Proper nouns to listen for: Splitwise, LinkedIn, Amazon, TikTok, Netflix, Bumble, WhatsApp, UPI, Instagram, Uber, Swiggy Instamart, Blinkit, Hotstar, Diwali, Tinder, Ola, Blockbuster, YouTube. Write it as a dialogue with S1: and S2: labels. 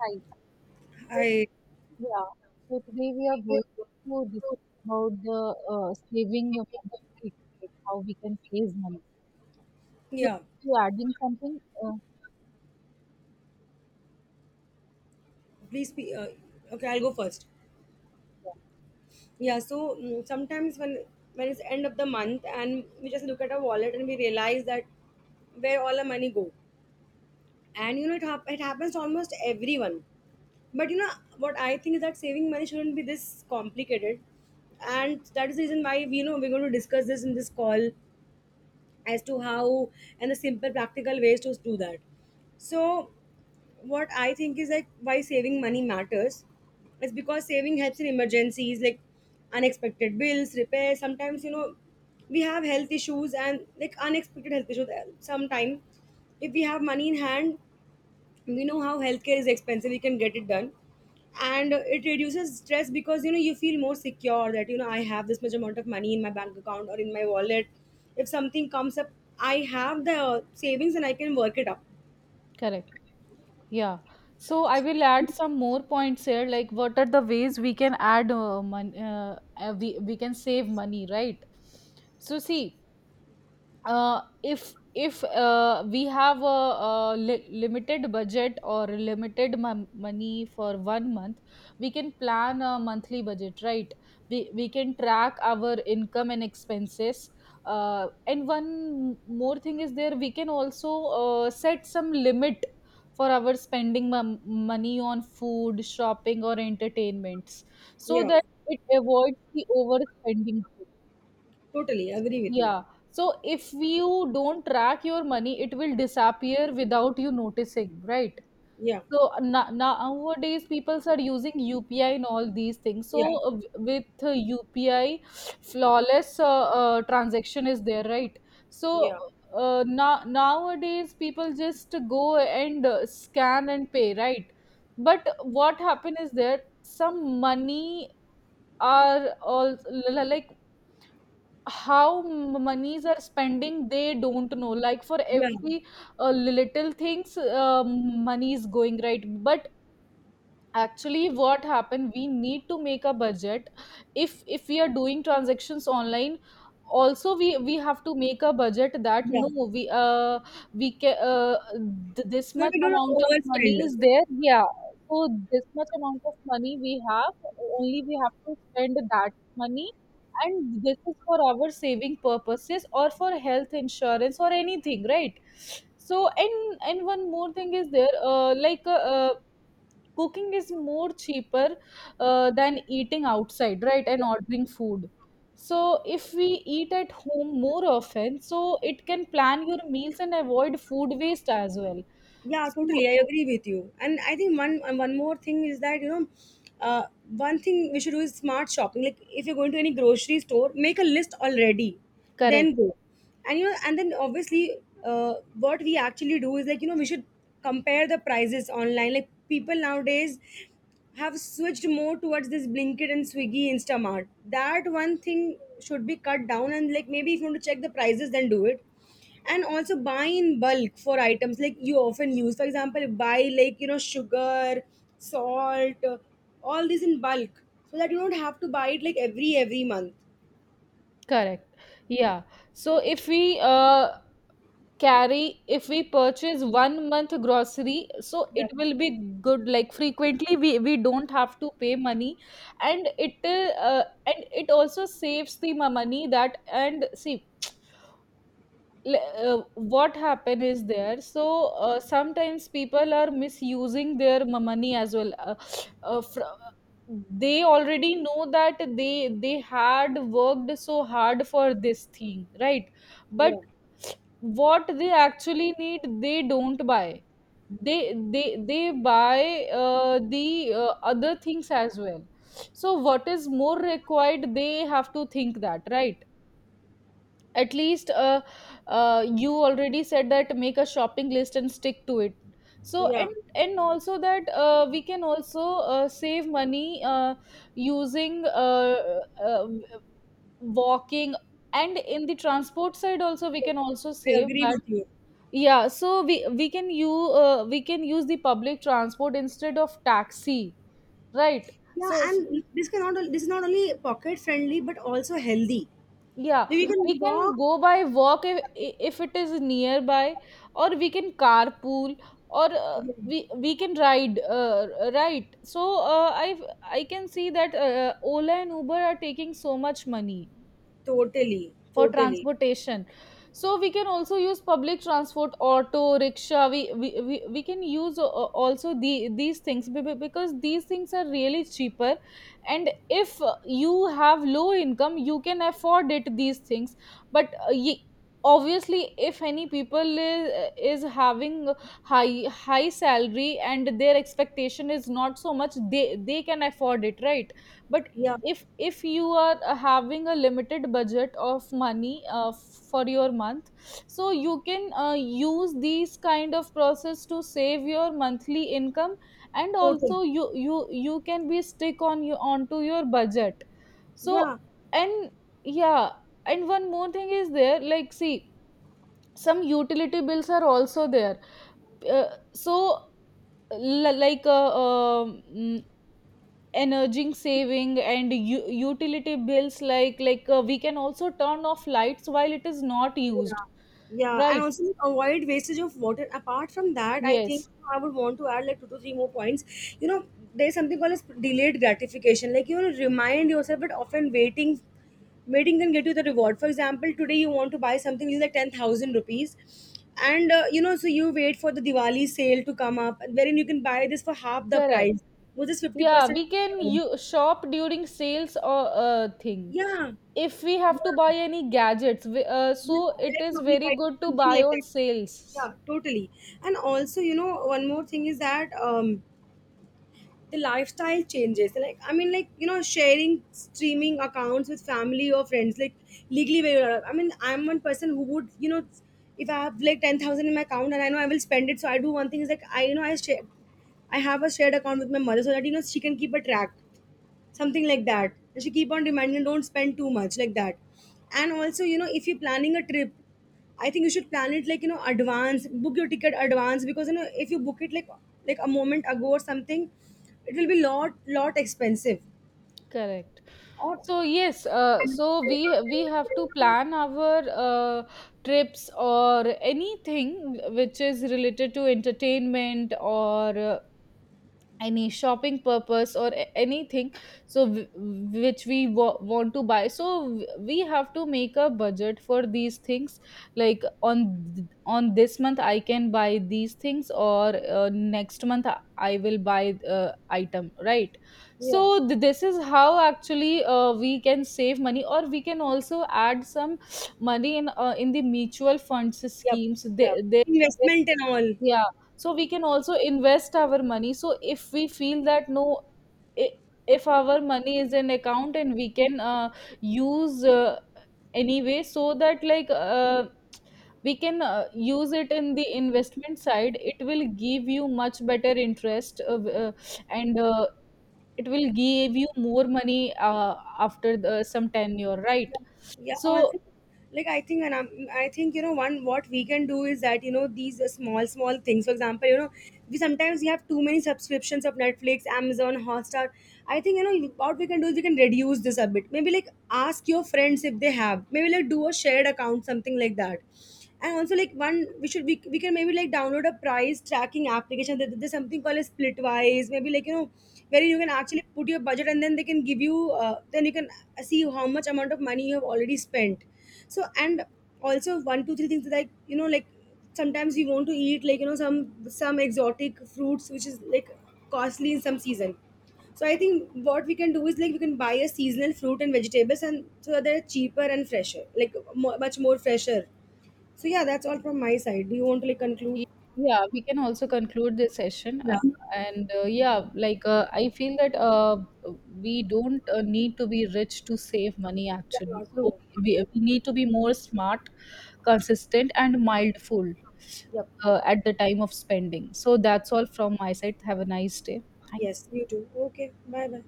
S1: Hi. So,
S2: I
S1: yeah. So today we are going to discuss about the saving of money, right? Like how we can save money. So
S2: yeah,
S1: you adding something?
S2: Please be okay. I'll go first. Yeah, so sometimes when it's end of the month and we just look at our wallet and we realize that where all our money go, and you know it, it happens to almost everyone. But you know what I think is that saving money shouldn't be this complicated, and that is the reason why we know we're going to discuss this in this call as to how and the simple practical ways to do that. So what I think is like why saving money matters is because saving helps in emergencies like unexpected bills, repairs. Sometimes you know we have health issues and like unexpected health issues. Sometimes if we have money in hand, we know how healthcare is expensive. We can get it done, and it reduces stress because you know you feel more secure that you know I have this much amount of money in my bank account or in my wallet. If something comes up, I have the savings and I can work it up.
S1: Correct. Yeah. So I will add some more points here, like what are the ways we can add money, we can save money, right? So see, if we have a limited budget or limited money for 1 month. We can plan a monthly budget, right? We can track our income and expenses, and one more thing is there, we can also set some limit for our spending money on food, shopping or entertainments, so
S2: Yeah,
S1: that it avoids the overspending,
S2: totally agree with you.
S1: yeah. So if you don't track your money, it will disappear without you noticing, right?
S2: Yeah,
S1: So nowadays, people are using UPI and all these things.
S2: yeah,
S1: So with UPI, flawless transaction is there, right? So
S2: yeah,
S1: now nowadays, people just go and scan and pay, right? But what happen is there, some money are all, like, how monies are spending they don't know, like for
S2: yeah,
S1: every little things money is going, right? But actually what happened, we need to make a budget. If we are doing transactions online also, we have to make a budget that
S2: yeah.
S1: no, we we can this
S2: But
S1: much
S2: we do not
S1: amount of money
S2: overspend.
S1: is there, yeah. So this much amount of money we have, only we have to spend that money, and this is for our saving purposes or for health insurance or anything, right? So and one more thing is there, cooking is more cheaper than eating outside, right, and ordering food. So if we eat at home more often, so it can plan your meals and avoid food waste as well.
S2: Yeah,
S1: So
S2: totally. I agree with you. And I think one more thing is that you know, uh, one thing we should do is smart shopping. Like if you're going to any grocery store, make a list already, then
S1: correct.
S2: go. And you know, and then obviously, what we actually do is like you know we should compare the prices online. Like people nowadays have switched more towards this Blinkit and Swiggy Instamart. That one thing should be cut down and like maybe if you want to check the prices, then do it and also buy in bulk for items like you often use, for example buy like you know sugar, salt, all this in bulk so that you don't have to buy it like every month.
S1: Correct. Yeah. So if we carry, if we purchase 1 month grocery, so
S2: Yeah,
S1: it will be good. Like frequently, we don't have to pay money, and it also saves the money that, and see, le- uh, what happened is there. So sometimes people are misusing their money as well, uh, fr- they already know that they had worked so hard for this thing, right? But
S2: yeah,
S1: what they actually need they don't buy, they they buy the other things as well. So what is more required they have to think that, right? At least, you already said that make a shopping list and stick to it. So
S2: yeah,
S1: and also that we can also save money using uh, walking, and in the transport side also we can also
S2: I
S1: save
S2: agree
S1: that,
S2: with you.
S1: yeah. So we can you we can use the public transport instead of taxi, right?
S2: Yeah,
S1: So
S2: and this is not only pocket friendly but also healthy,
S1: yeah,
S2: like you can
S1: we can
S2: walk.
S1: go by walk if it is nearby, or we can carpool, or uh,
S2: Yeah,
S1: we we can ride. Right. So I can see that Ola and Uber are taking so much money
S2: totally,
S1: for
S2: totally.
S1: transportation. So we can also use public transport, auto rickshaw, we can use also the these things, because these things are really cheaper, and if you have low income you can afford it these things. But obviously if any people is having high salary and their expectation is not so much, they can afford it, right? But
S2: Yeah,
S1: if you are having a limited budget of money for your month, so you can use these kind of process to save your monthly income, and
S2: totally.
S1: also you can be stick on you onto your budget. So
S2: Yeah.
S1: and yeah, and one more thing is there, like see, some utility bills are also there, uh, so l- like uh, um energy saving and utility bills, like we can also turn off lights while it is not used,
S2: Yeah, yeah, and
S1: right?
S2: also avoid wastage of water. Apart from that, I think
S1: Yes,
S2: I would want to add like two to three more points. You know, there's something called as delayed gratification. Like you know, remind yourself that often waiting can get you the reward. For example, today you want to buy something, which is like 10,000 rupees, and you know, so you wait for the Diwali sale to come up, wherein you can buy this for half the
S1: correct.
S2: price, which is fifty
S1: Yeah,
S2: percent.
S1: we can
S2: discount.
S1: shop during sales or thing,
S2: Yeah,
S1: if we have to
S2: yeah.
S1: buy any gadgets
S2: Yeah,
S1: so it is
S2: electronic
S1: very
S2: item,
S1: good to
S2: something
S1: buy
S2: like
S1: on
S2: that.
S1: sales.
S2: Yeah, totally. And also, you know, one more thing is that the lifestyle changes. Like, I mean, like you know, sharing streaming accounts with family or friends, like legally. I mean, I'm one person who would, you know, if I have like 10,000 in my account and I know I will spend it, so I do one thing is like I, you know, I share, I have a shared account with my mother so that you know she can keep a track, something like that, and she keep on reminding her, don't spend too much like that. And also you know if you're planning a trip, I think you should plan it like you know advance, book your ticket advance, because you know if you book it like a moment ago or something, it will be lot expensive.
S1: Correct.
S2: Or
S1: So yes, so we have to plan our uh, trips or anything which is related to entertainment or any shopping purpose or anything. So which we want to buy, so we have to make a budget for these things, like on on this month I can buy these things or next month I will buy item, right?
S2: yeah.
S1: So this is how actually we can save money, or we can also add some money in the mutual funds
S2: Yep.
S1: schemes, they,
S2: Yep.
S1: they
S2: Investment and all.
S1: yeah. So we can also invest our money. So if we feel that no, i- if our money is in account, and we can use anyway, so that like we can use it in the investment side, it will give you much better interest, and it will give you more money after the, some tenure, right?
S2: Yeah,
S1: So
S2: also, like I think and I think you know one what we can do is that you know these small small things, for example you know we sometimes we have too many subscriptions of Netflix, Amazon Hotstar. I think you know what we can do is we can reduce this a bit, maybe like ask your friends if they have, maybe like do a shared account something like that. And also like one we should, we can maybe like download a price tracking application, there's something called a Splitwise, maybe like you know where you can actually put your budget and then they can give you then you can see how much amount of money you have already spent. So, and also one two three things that like you know, like sometimes you want to eat like you know some exotic fruits which is like costly in some season. So I think what we can do is like we can buy a seasonal fruit and vegetables and so that they're cheaper and fresher, like mo much more fresher. So yeah, that's all from my side. Do you want to like conclude?
S1: Y- Yeah, we can also conclude this session.
S2: Yeah.
S1: And yeah, like I feel that we don't need to be rich to save money
S2: Yeah,
S1: actually. So
S2: true,
S1: we,
S2: true.
S1: we need to be more smart, consistent, and mindful
S2: Yep.
S1: at the time of spending. So that's all from my side. Have a nice day. Thank
S2: Yes, you too. Okay, bye bye.